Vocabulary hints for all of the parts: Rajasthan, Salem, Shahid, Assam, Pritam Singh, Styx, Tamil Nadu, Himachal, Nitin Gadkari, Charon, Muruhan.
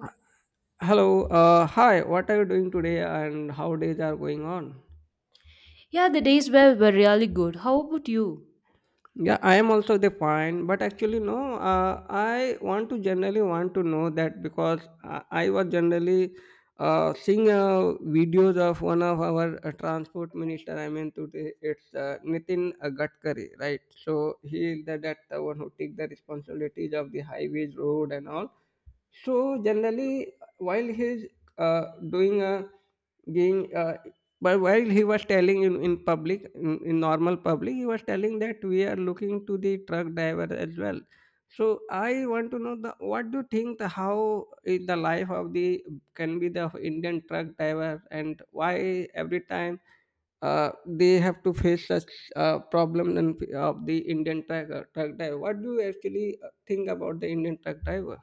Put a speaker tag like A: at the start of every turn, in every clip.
A: Uh, Hello. Hi. What are you doing today, and how days are going on?
B: Yeah, the days were really good. How about you?
A: Yeah, I am also the fine, but actually no. I want to generally want to know that because I was generally seeing videos of one of our transport minister. I mean, today it's Nitin Gadkari, right? So he is the one who take the responsibilities of the highways, road, and all. So generally, while he's uh, doing a being, uh, but while he was telling in public, in normal public, he was telling that we are looking to the truck driver as well. So I want to know the what do you think the how is the life of the can be the Indian truck driver, and why every time they have to face such problem and of the Indian truck driver. What do you actually think about the Indian truck driver?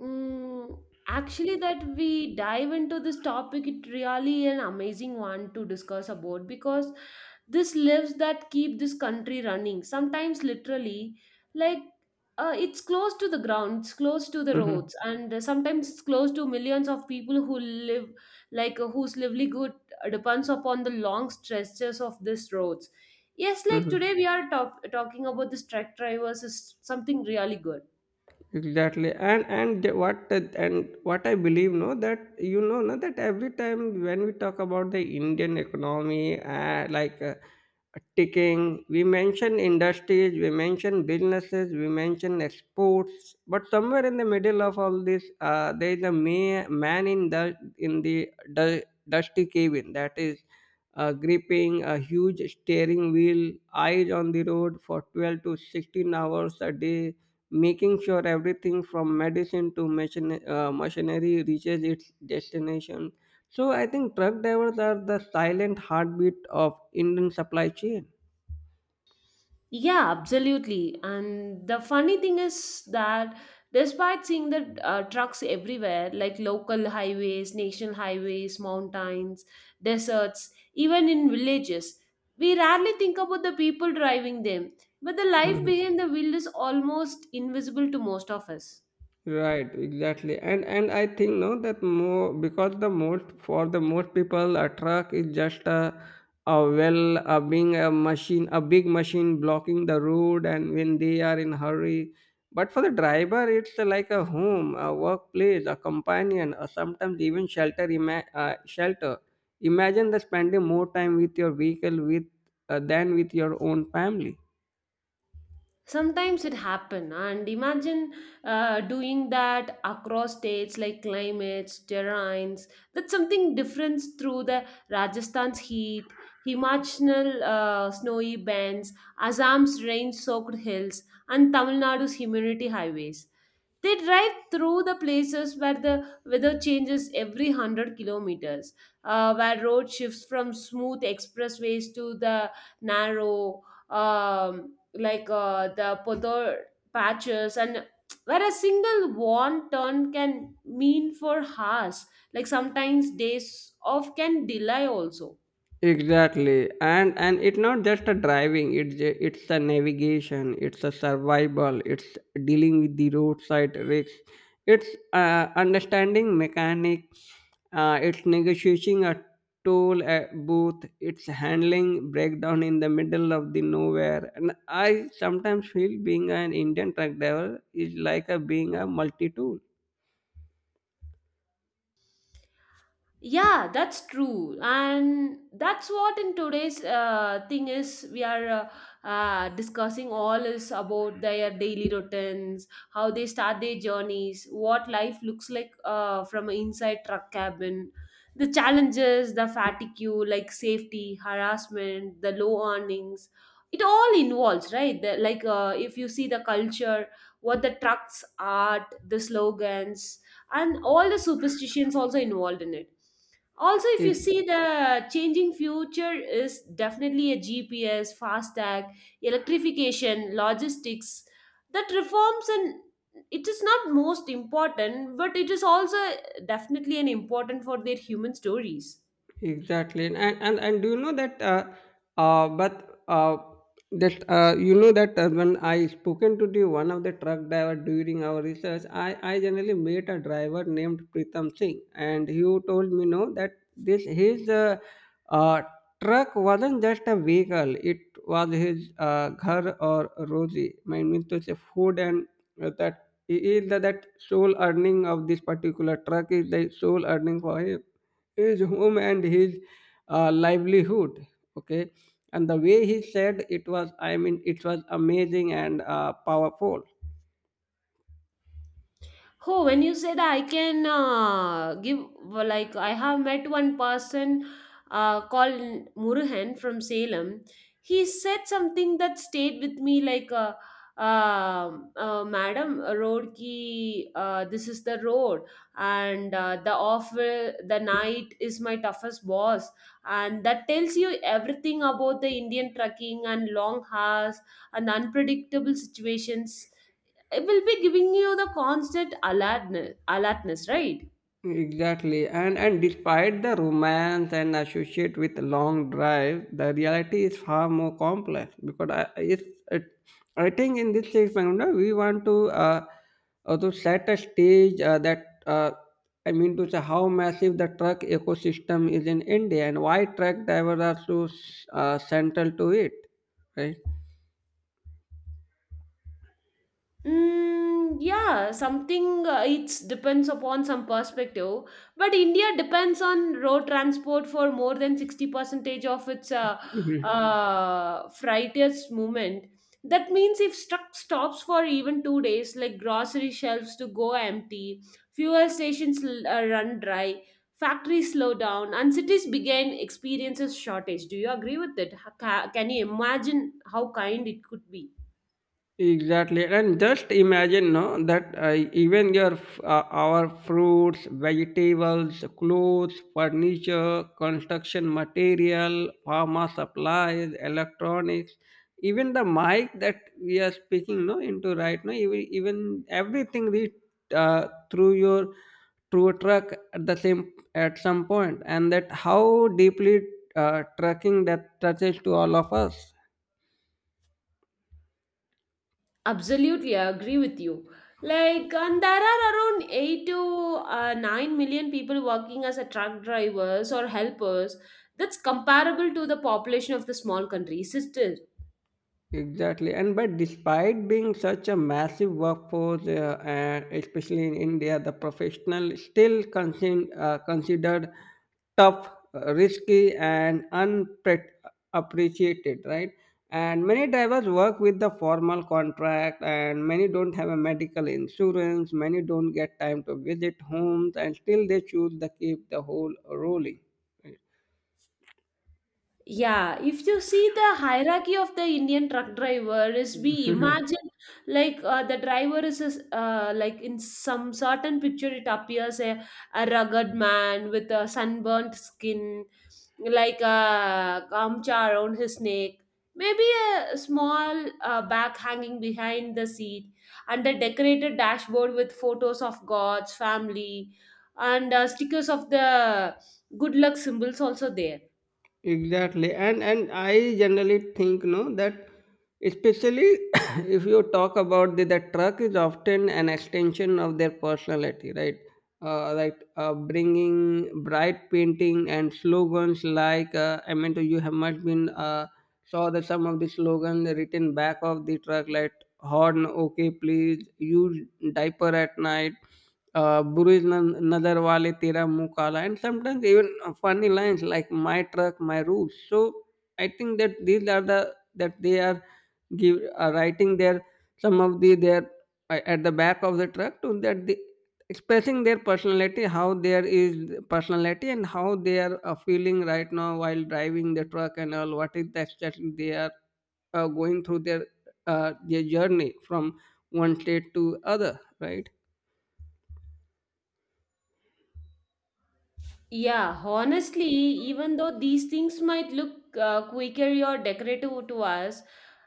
B: Mm, actually, that we dive into this topic, it really an amazing one to discuss about because this lives that keep this country running. Sometimes, literally, like it's close to the ground, it's close to the roads, and sometimes it's close to millions of people who live, whose livelihood depends upon the long stretches of these roads. Yes, like
A: Mhm.
B: today we are talking about this truck drivers is something really good.
A: Exactly, and what I believe, no, that you know, no, that every time when we talk about the Indian economy, ticking, we mention industries, we mention businesses, we mention exports, but somewhere in the middle of all this, there is a man in the in the du- dusty cabin that is gripping a huge steering wheel, eyes on the road for 12 to 16 hours a day, making sure everything from medicine to machinery reaches its destination. So I think truck drivers are the silent heartbeat of Indian supply chain.
B: Yeah, absolutely. And the funny thing is that despite seeing the trucks everywhere, like local highways, national highways, mountains, deserts, even in villages, we rarely think about the people driving them. But the life behind the wheel is almost invisible to most of us.
A: Right, exactly. And I think no that more because the most for the most people a truck is just a well a being a machine, a big machine blocking the road and when they are in hurry. But for the driver it's like a home, a workplace, a companion, or sometimes even shelter. Imagine the spending more time with your vehicle with than with your own family.
B: Sometimes it happen ah, and imagine doing that across states like climates terrains, that's something different through the Rajasthan's heat, Himachal's snowy bands, Assam's rain soaked hills, and Tamil Nadu's humidity highways. They drive through the places where the weather changes every 100 kilometers, where road shifts from smooth expressways to the narrow, um, the podor patches, and where a single warm turn can mean for hours, like sometimes days off can delay also.
A: Exactly, and it's not just a driving. It's a navigation. It's a survival. It's dealing with the roadside risks. It's understanding mechanic. It's negotiating a toll at booth. It's handling breakdown in the middle of the nowhere. And I sometimes feel being an Indian truck driver is like a being a multi tool.
B: Yeah, that's true, and that's what in today's thing is we are discussing all is about their daily routines, how they start their journeys, what life looks like from an inside truck cabin, the challenges, the fatigue, like safety, harassment, the low earnings. It all involves, right? The, if you see the culture, what the trucks art, the slogans, and all the superstitions also involved in it. Also, if you see the changing future is definitely a GPS, fast tag, electrification, logistics, that reforms, and it is not most important, but it is also definitely an important for their human stories.
A: Exactly, and do you know that? But that You know that when I spoken to the one of the truck driver during our research, I generally met a driver named Pritam Singh, and he told me no that this his uh, truck wasn't just a vehicle; it was his ghar or rozi. I mean to say food and that is that sole earning of this particular truck is the sole earning for him, his home and his livelihood. Okay. And the way he said it was, I mean, it was amazing and powerful.
B: Oh, when you said I can give, well, like, I have met one person called Muruhan from Salem. He said something that stayed with me, like, madam a road ki, this is the road, and the off the night is my toughest boss. And that tells you everything about the Indian trucking and long hours and unpredictable situations. It will be giving you the constant alertness, right?
A: Exactly. And despite the romance and associate with long drive, the reality is far more complex because it, I think in this case, Maganda, we want to set a stage that I mean to say how massive the truck ecosystem is in India and why truck drivers are so central to it, right?
B: Mm, yeah, something it depends upon some perspective, but India depends on road transport for more than 60 percentage of its freighter's movement. That means if truck stops for even 2 days, like grocery shelves to go empty, fuel stations run dry, factories slow down, and cities begin experiences shortage. Do you agree with it? Can you imagine how kind it could be?
A: Exactly, and just imagine, no, that our fruits, vegetables, clothes, furniture, construction material, pharma supplies, electronics, even the mic that we are speaking, no, into right now, even everything reach uh, through your through a truck at the same at some point, and that how deeply trucking that touches to all of us.
B: Absolutely, I agree with you. Like, and there are around 8 to 9 million people working as a truck drivers or helpers. That's comparable to the population of the small countries. It is.
A: Exactly, and but despite being such a massive workforce, and especially in India, the professional still considered tough, risky, and unappreciated, right? And many drivers work with the formal contract, and many don't have a medical insurance. Many don't get time to visit homes, and still they choose to keep the whole rolling.
B: Yeah, if you see the hierarchy of the Indian truck driver is we imagine the driver is, like in some certain picture it appears a rugged man with a sunburnt skin, like a gamcha around his neck, maybe a small bag hanging behind the seat, and a decorated dashboard with photos of gods, family, and stickers of the good luck symbols also there.
A: Exactly, and I generally think no that especially if you talk about the truck is often an extension of their personality, right? Bringing bright painting and slogans like I mean, you have must been saw that some of the slogans written back of the truck like horn okay please use, diaper at night, Burj Nazar Wale Tera Muँh Kala, and sometimes even funny lines like "My truck, my rules." So I think that these are the that they are give are writing their some of the their at the back of the truck to that they expressing their personality, how there is personality and how they are feeling right now while driving the truck and all. What is that that they are going through their journey from one state to other, right?
B: Yeah, honestly, even though these things might look quirky or decorative to us,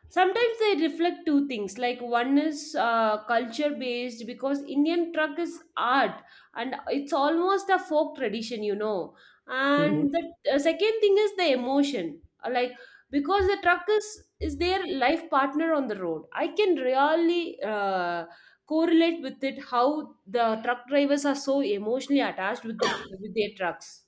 B: sometimes they reflect two things. Like one is culture based, because Indian truck is art and it's almost a folk tradition, you know. And the second thing is the emotion. Like because the truck is their life partner on the road. I can really correlate with it how the truck drivers are so emotionally attached with the with their trucks.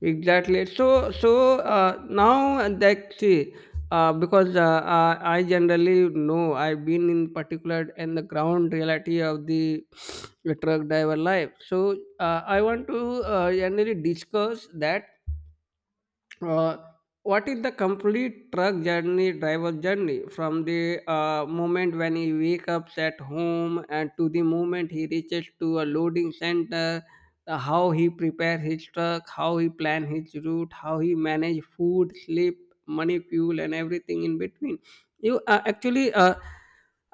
A: Exactly. Now that see, because I generally know I've been in particular in the ground reality of the truck driver life. So, I want to generally discuss that uh, what is the complete truck journey driver journey from the moment when he wakes up at home and to the moment he reaches to a loading center, how he prepare his truck, how he plan his route, how he manage food, sleep, money, fuel, and everything in between. You actually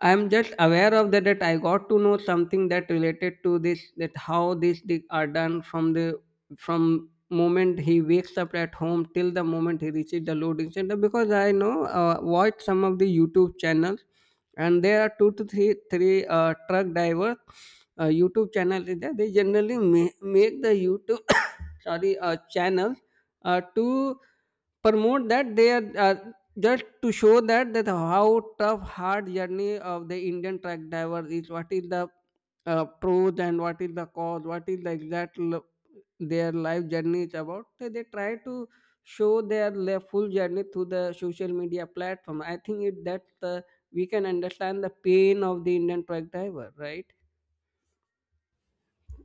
A: I'm just aware of that that I got to know something that related to this, that how this are done from the from moment he wakes up at home till the moment he reaches the loading center, because I know watch some of the YouTube channels, and there are two to three truck drivers YouTube channel is there. They generally make the YouTube sorry channels to promote that they are just to show that that how tough hard journey of the Indian truck driver is, what is the pros and what is the cause, what is the exact their life journey is about. They try to show their full journey through the social media platform. I think it that the, we can understand the pain of the Indian truck driver, right?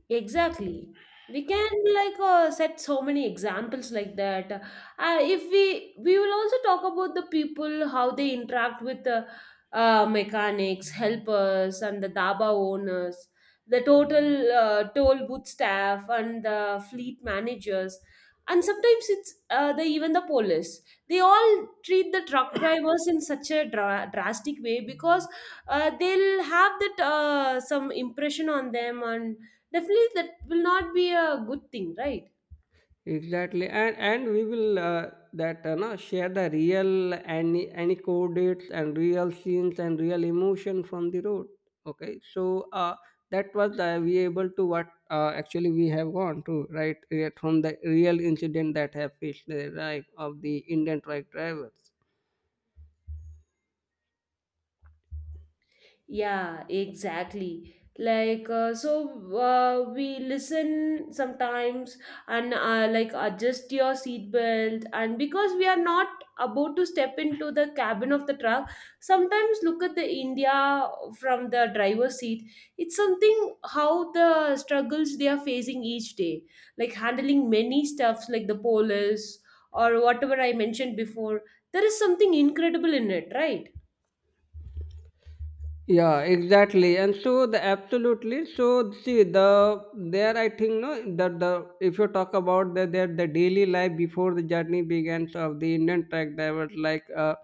B: Exactly. We can set so many examples like that. If we will also talk about the people how they interact with mechanics, helpers, and the daba owners, the total toll booth staff, and the fleet managers, and sometimes it's the even the police. They all treat the truck drivers in such a drastic way, because they'll have that some impression on them, and definitely that will not be a good thing, right?
A: Exactly, and we will that no, share the real any anecdotes and real scenes and real emotion from the road. Okay, so that was we able to what actually we have gone to, right, right from the real incident that have faced the life of the Indian truck drivers.
B: Yeah, exactly. Like, we listen sometimes and like adjust your seatbelt. And because we are not about to step into the cabin of the truck, sometimes look at the India from the driver's seat. It's something how the struggles they are facing each day, like handling many stuffs like the police or whatever I mentioned before. There is something incredible in it, right?
A: Yeah, exactly. And so the absolutely so see the there I think no that the if you talk about the their the daily life before the journey begins of the Indian truck drivers, like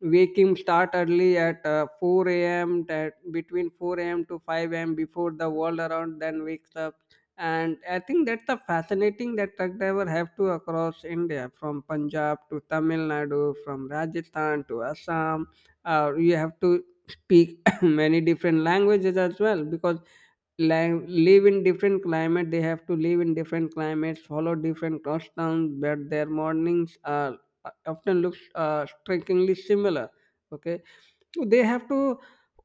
A: waking start early at 4 a.m., that between 4 a.m. to 5 a.m. before the world around then wakes up. And I think that's the fascinating that truck driver have to across India from Punjab to Tamil Nadu, from Rajasthan to Assam, you have to speak many different languages as well, because live in different climate, they have to live in different climates, follow different customs, but their mornings are often looks strikingly similar. Okay, so they have to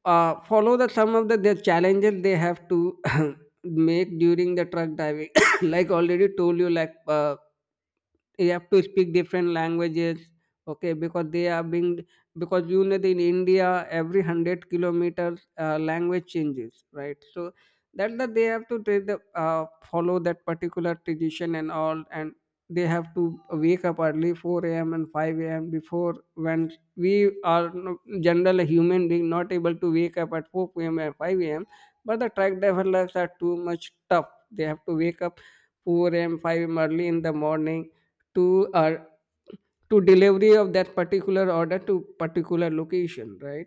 A: follow the some of the their challenges they have to make during the truck driving like already told you, like you have to speak different languages. Okay, because they are being, because you know that in India every 100 kilometers language changes, right? So that they have to take the, follow that particular tradition and all. And they have to wake up early, 4 a.m and 5 a.m, before when we are general human being not able to wake up at 4 p.m and 5 a.m. But the truck driver lives are too much tough, they have to wake up 4 a.m 5 a.m early in the morning to our to delivery of that particular order to particular location, right?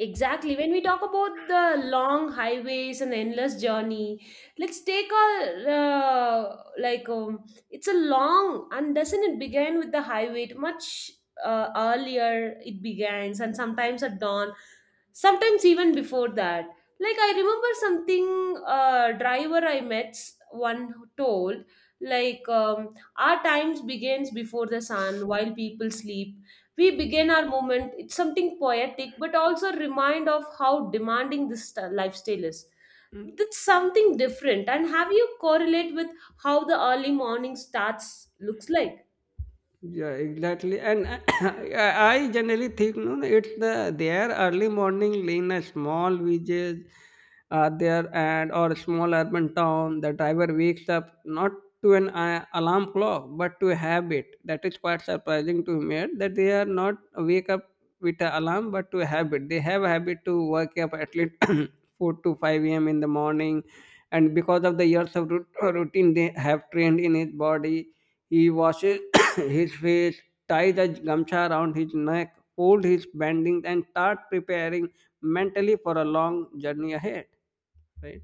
B: Exactly. When we talk about the long highways and endless journey, let's take a it's a long and doesn't it begin with the highway? It much earlier it begins, and sometimes at dawn, sometimes even before that. Like I remember something driver I met one who told like our times begins before the sun, while people sleep we begin our movement. It's something poetic but also a reminder of how demanding this lifestyle is. That's something different, and have you correlate with how the early morning starts looks like.
A: Yeah, exactly. And I I generally think no, no, it's the their early morning in a small villages there, and or small urban town. The driver wakes up not to an alarm clock but to a habit. That is quite surprising to me that they are not wake up with an alarm but to a habit. They have a habit to wake up at least four to five a.m. in the morning, and because of the years of routine they have trained in his body. He washes his face, ties a gamcha around his neck, fold his bandings, and start preparing mentally for a long journey ahead. Right?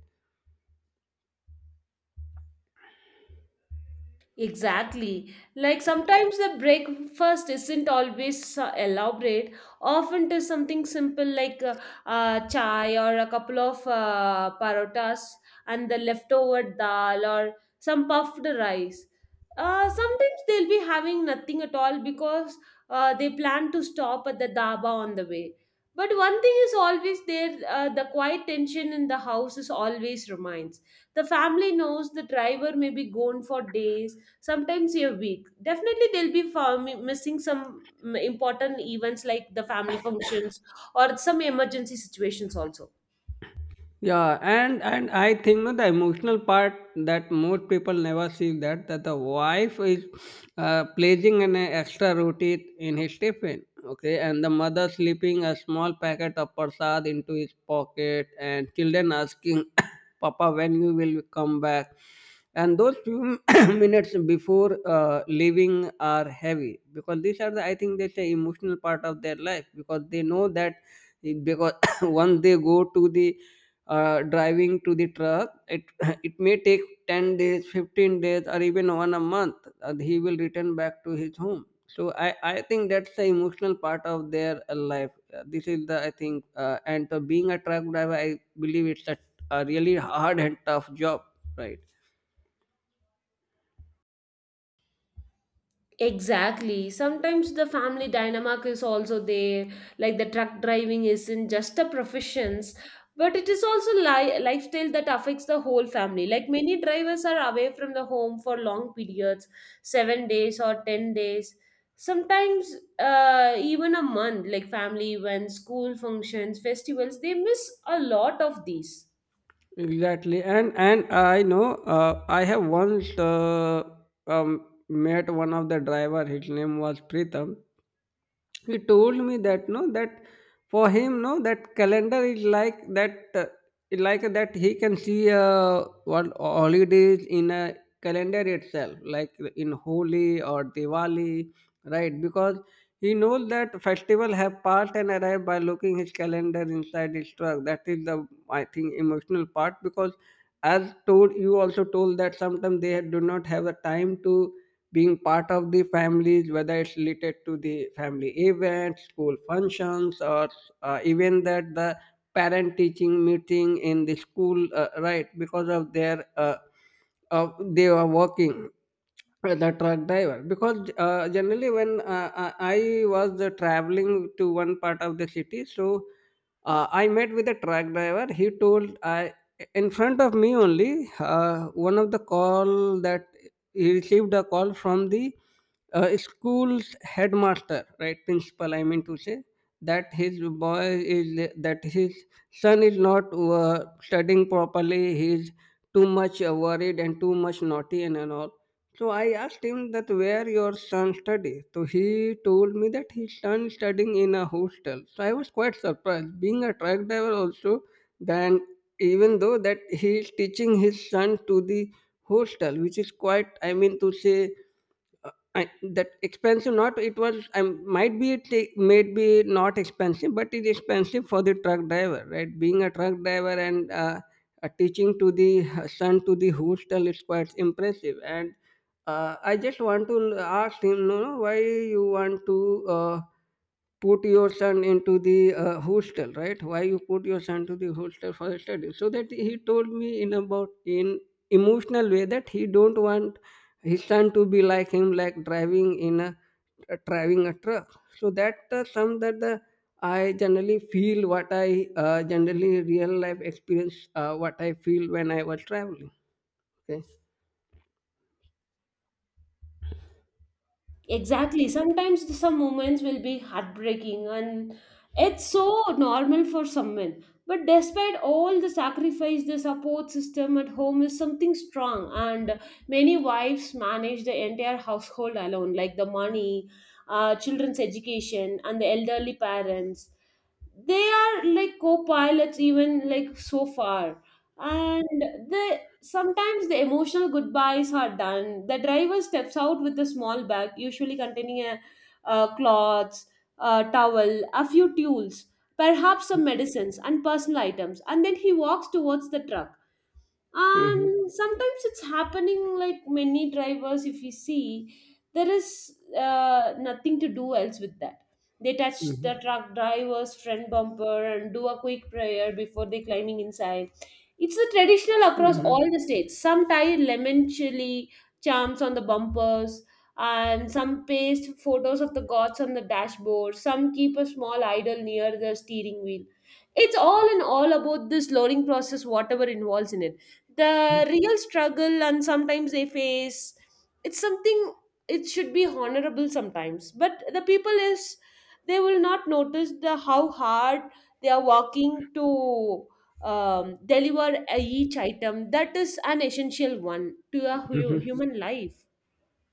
B: Exactly. Like sometimes the breakfast isn't always so elaborate. Often it is something simple like chai or a couple of parotas and the leftover dal or some puffed rice. Sometimes they'll be having nothing at all, because they plan to stop at the dhaba on the way. But one thing is always there, the quiet tension in the house is always remains. The family knows the driver may be gone for days, sometimes you're weak, definitely they'll be for missing some important events like the family functions or some emergency situations also.
A: Yeah, and I think no, the emotional part that most people never see that the wife is placing an extra roti in his tiffin. Okay, and the mother slipping a small packet of prasad into his pocket, and children asking papa when you will come back, and those few minutes before leaving are heavy because these are the I think that's the emotional part of their life because they know that because once they go to the driving to the truck, it it may take 10 days, 15 days, or even one a month, and he will return back to his home. So I think that's the emotional part of their life. This is the, I think, and being a truck driver, I believe it's a really hard and tough job, right?
B: Exactly. Sometimes the family dynamic is also there. Like the truck driving isn't just a profession, but it is also lifestyle that affects the whole family. Like many drivers are away from the home for long periods, 7 days or 10 days. Sometimes even a month. Like family events, school functions, festivals, they miss a lot of these.
A: Exactly, and I know I have once met one of the driver. His name was Pritham. He told me that no, that for him no, that calendar is like that he can see what holidays in a calendar itself, like in Holi or Diwali, right? Because he knows that festival have passed and arrived by looking his calendar inside his truck. That is the, I think, emotional part because as told you also told that sometimes they do not have a time to being part of the families, whether it's related to the family events, school functions, or even that the parent teaching meeting in the school, right? Because of their they are working, the truck driver. Because generally when I was traveling to one part of the city, so I met with a truck driver. He told I, in front of me only, uh, one of the call that he received a call from the school's headmaster, right, principal I mean to say, that his boy is, that his son is not studying properly, he is too much worried and too much naughty, and all. So I asked him that where your son studies. So he told me that his son is studying in a hostel. So I was quite surprised. Being a truck driver also, then, even though that he is teaching his son to the hostel, which is quite I mean to say that expensive, not it was, I might be it might be not expensive, but it is expensive for the truck driver, right? Being a truck driver and teaching to the son to the hostel is quite impressive. And I just want to ask him, no, no, why you want to put your son into the hostel, right? Why you put your son to the hostel for study? So that he told me in about in emotional way that he don't want his son to be like him, like driving in a driving a truck. So that some that the I generally feel what I generally real life experience what I feel when I was traveling. Okay.
B: Exactly. Sometimes the some moments will be heartbreaking, and it's so normal for some men. But despite all the sacrifice, the support system at home is something strong, and many wives manage the entire household alone, like the money, children's education, and the elderly parents. They are like co-pilots even like so far. And the sometimes the emotional goodbyes are done, the driver steps out with a small bag usually containing a, cloths, a towel, a few tools, perhaps some medicines and personal items, and then he walks towards the truck.
A: Mm-hmm.
B: And sometimes it's happening like many drivers, if you see there is nothing to do else with that. They touch
A: Mm-hmm.
B: the truck driver's front bumper and do a quick prayer before they climbing inside. It's a traditional across all the
A: Mm-hmm.
B: states. Some tie lemon chili charms on the bumpers, and some paste photos of the gods on the dashboard. Some keep a small idol near the steering wheel. It's all in all about this lowering process, whatever involves in it. The real struggle, and sometimes they face it's something it should be honorable sometimes, but the people is they will not notice the how hard they are working to deliver each item that is an essential one to a human life.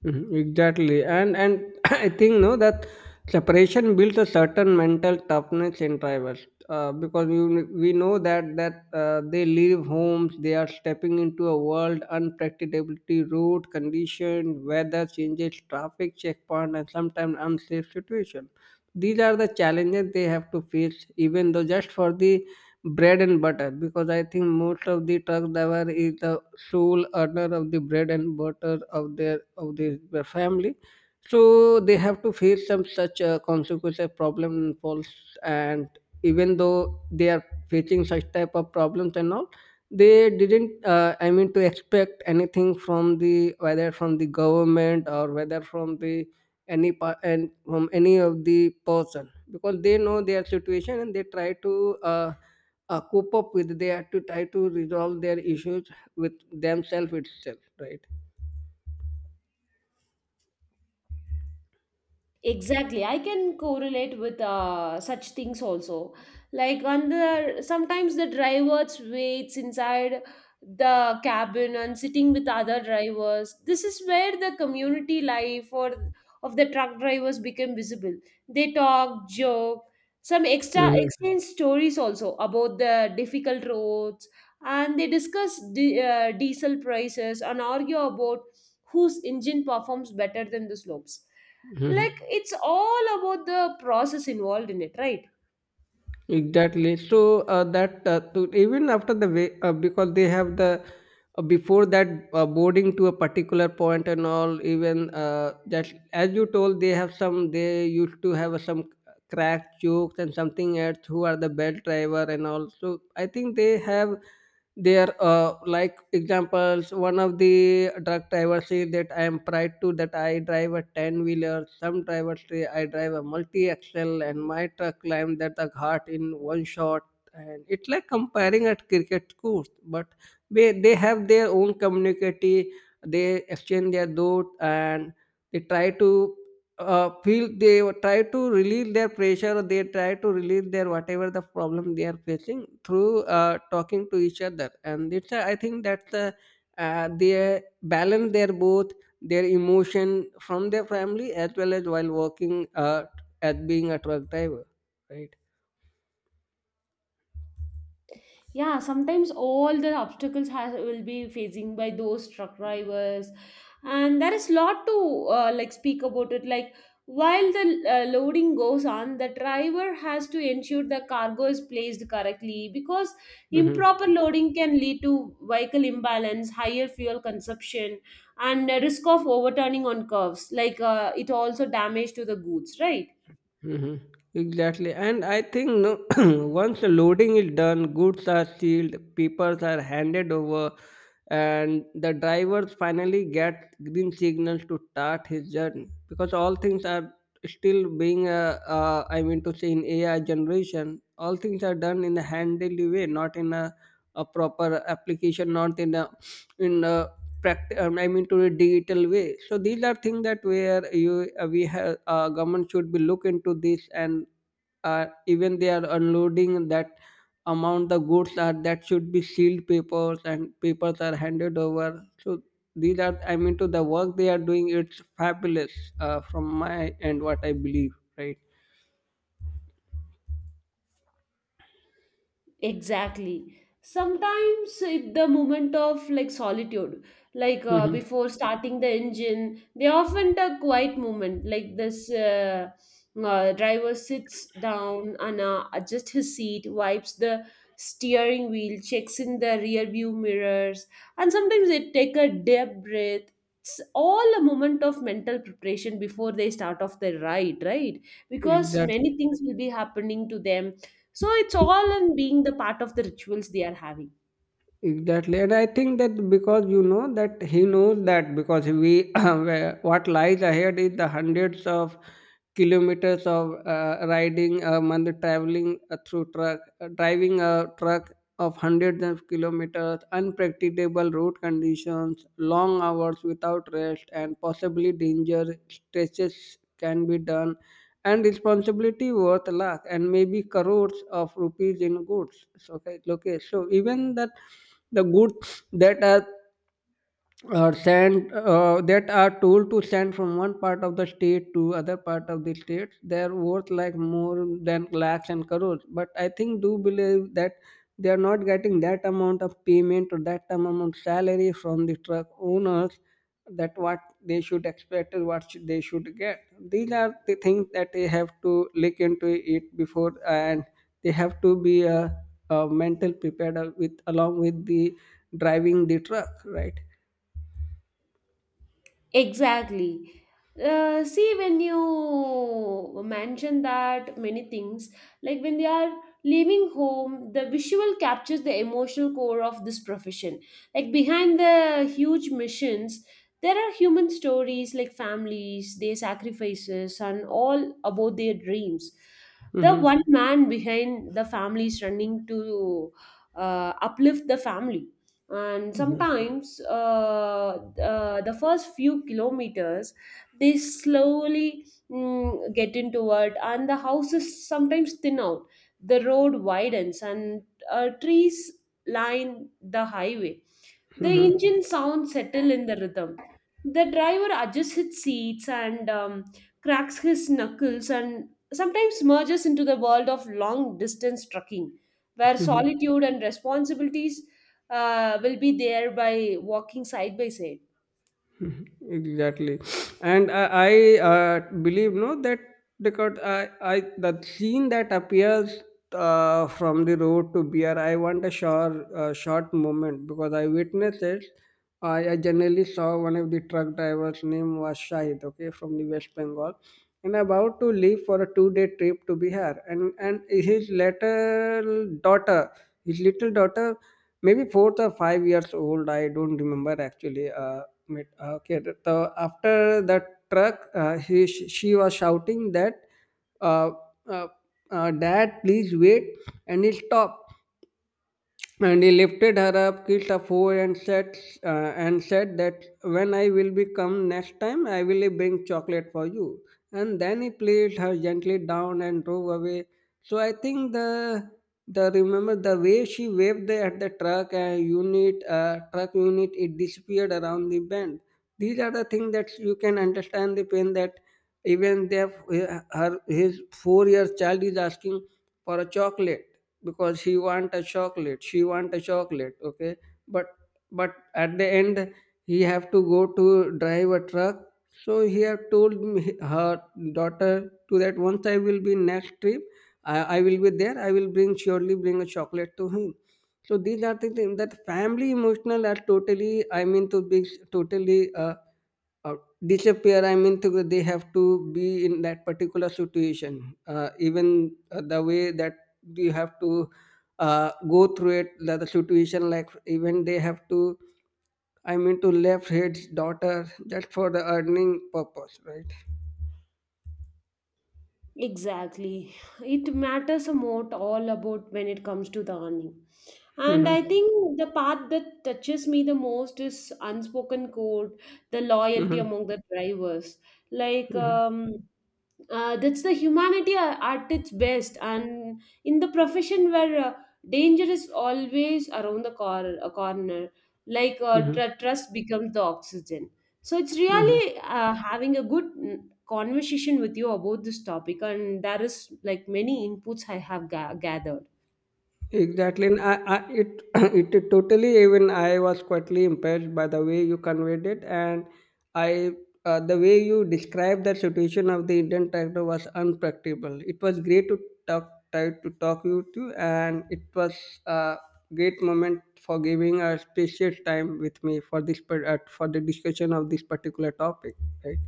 A: Mhm, exactly, and I think no, that separation builds a certain mental toughness in drivers, because we know that they leave homes, they are stepping into a world unpredictability, road condition, weather changes, traffic checkpoint, and sometimes unsafe situation. These are the challenges they have to face, even though just for the bread and butter, because I think most of the truck driver is the sole earner of the bread and butter of their their family. So they have to face some such consequences, problem and falls, and even though they are facing such type of problems and all, they didn't. I mean, to expect anything from the, whether from the government or whether from the any pa- and from any of the person, because they know their situation and they try to cope up with, they have to try to resolve their issues with themselves itself, right?
B: Exactly. I can correlate with such things also. Like on the sometimes the drivers waits inside the cabin and sitting with other drivers. This is where the community life or of the truck drivers become visible. They talk, joke, some extra
A: Mhm,
B: exchange stories also about the difficult roads, and they discuss diesel prices and argue about whose engine performs better than the slopes. Like
A: mhm.
B: it's all about the process involved in it, right?
A: Exactly. So even after the way, because they have the before that boarding to a particular point and all, even that as you told they have some, they used to have some crack jokes and something else, who are the belt driver and all? So I think they have their like examples. One of the truck drivers say that I am proud to that I drive a 10 wheeler. Some drivers say I drive a multi axle and my truck climbed that the ghat in one shot, and it's like comparing at cricket course. But they have their own community, they exchange their thought, and they try to feel, they would try to relieve their pressure, or they try to relieve their whatever the problem they are facing through talking to each other. And it's I think that's the they balance their both their emotion from their family as well as while working, as being a truck driver, right?
B: Yeah, sometimes all the obstacles has, will be facing by those truck drivers, and there is lot to speak about it. Like while the loading goes on, the driver has to ensure the cargo is placed correctly, because
A: Mhm.
B: improper loading can lead to vehicle imbalance, higher fuel consumption, and a risk of overturning on curves, like it also damage to the goods, right?
A: Mhm. Exactly. And I think no, once the loading is done, goods are sealed, papers are handed over, and the drivers finally get green signals to start his journey, because all things are still being a, I mean to say in AI generation, all things are done in a handily way, not in a proper application, not in a in a practice. I mean to a digital way. So these are things that where you we have government should be look into this. And even they are unloading that amount, the goods are that should be sealed papers, and papers are handed over. So these are I mean to the work they are doing, it's fabulous, from my end what I believe, right?
B: Exactly. Sometimes it, the moment of like solitude, like
A: Hmm.
B: before starting the engine, they often a quiet moment. Like this driver sits down and adjusts his seat, wipes the steering wheel, checks in the rear view mirrors, and sometimes they take a deep breath. It's all a moment of mental preparation before they start off their ride, right? Because
A: Exactly.
B: many things will be happening to them, so it's all in being the part of the rituals they are having.
A: Exactly, and I think that because you know that he knows that because we what lies ahead is the hundreds of kilometers of riding a month, traveling through truck, driving a truck of hundreds of kilometers, unpredictable road conditions, long hours without rest, and possibly danger stretches can be done, and responsibility worth lakh and maybe crores of rupees in goods. So okay, okay. So even that the goods that are, or send that are told to send from one part of the state to other part of the states, they're worth like more than lakhs and crores. But I think do believe that they are not getting that amount of payment or that amount of salary from the truck owners, that what they should expect is what they should get. These are the things that they have to look into it before, and they have to be a mental prepared with, along with the driving the truck, right?
B: Exactly. See, when you mention that many things, like when they are leaving home, the visual captures the emotional core of this profession. Like behind the huge missions, there are human stories like families, their sacrifices, and all about their dreams. The one
A: Mhm.
B: man behind the family is running to uplift the family. And
A: Mhm.
B: sometimes the first few kilometers they slowly get into it, and the houses sometimes thin out, the road widens, and trees line the highway, the
A: Mhm.
B: engine sound settle in the rhythm. The driver adjusts his seats and cracks his knuckles and sometimes merges into the world of long distance trucking, where
A: Mhm.
B: solitude and responsibilities will be there by walking side by side.
A: Mhm. Exactly. And I believe no, that because I, the scene that appears from the road to beer, I want a short, short moment because I witnessed it. I generally saw one of the truck drivers' name was Shahid, okay, from the West Bengal, and about to leave for a two-day trip to Bihar. And his little daughter, his little daughter, maybe fourth or 5 years old, I don't remember actually, okay, the, after the truck, she was shouting that uh, uh, dad please wait. And he stopped and he lifted her up, kissed her forehead, uh, and said that when I will be come next time, I will bring chocolate for you. And then he placed her gently down and drove away. So I think the remember the way she waved at the truck unit, truck unit, it disappeared around the bend. These are the things that you can understand the pain, that even their her his 4 year child is asking for a chocolate, because he want a chocolate, she want a chocolate, okay. but but at the end, he have to go to drive a truck. So he have her daughter to, that once I will be next trip, I will be there, I will bring surely bring a chocolate to him. So these are the things that family emotional are totally, I mean to be, totally uh, disappear, I mean, to, they have to be in that particular situation. Even the way that you have to go through it, the situation, like even they have to, I mean, to left his daughter just for the earning purpose, right?
B: Exactly. It matters a lot all about when it comes to the earning. And I
A: Mm-hmm.
B: think the part that touches me the most is unspoken code, the loyalty
A: Mm-hmm.
B: among the drivers. Like,
A: Mm-hmm.
B: um, that's the humanity at its best. And in the profession where danger is always around the a corner, like
A: Mm-hmm.
B: trust becomes the oxygen. So it's
A: Mm-hmm.
B: really having a good conversation with you about this topic, and there is like many inputs I have gathered.
A: Exactly, and it totally, even I was quietly impressed by the way you conveyed it, and I the way you described the situation of the Indian tractor was unpracticable. It was great to talk try to talk you to, and it was a great moment for giving a precious time with me for this for the discussion of this particular topic, right?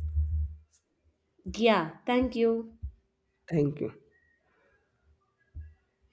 B: Yeah, thank you.
A: Thank you.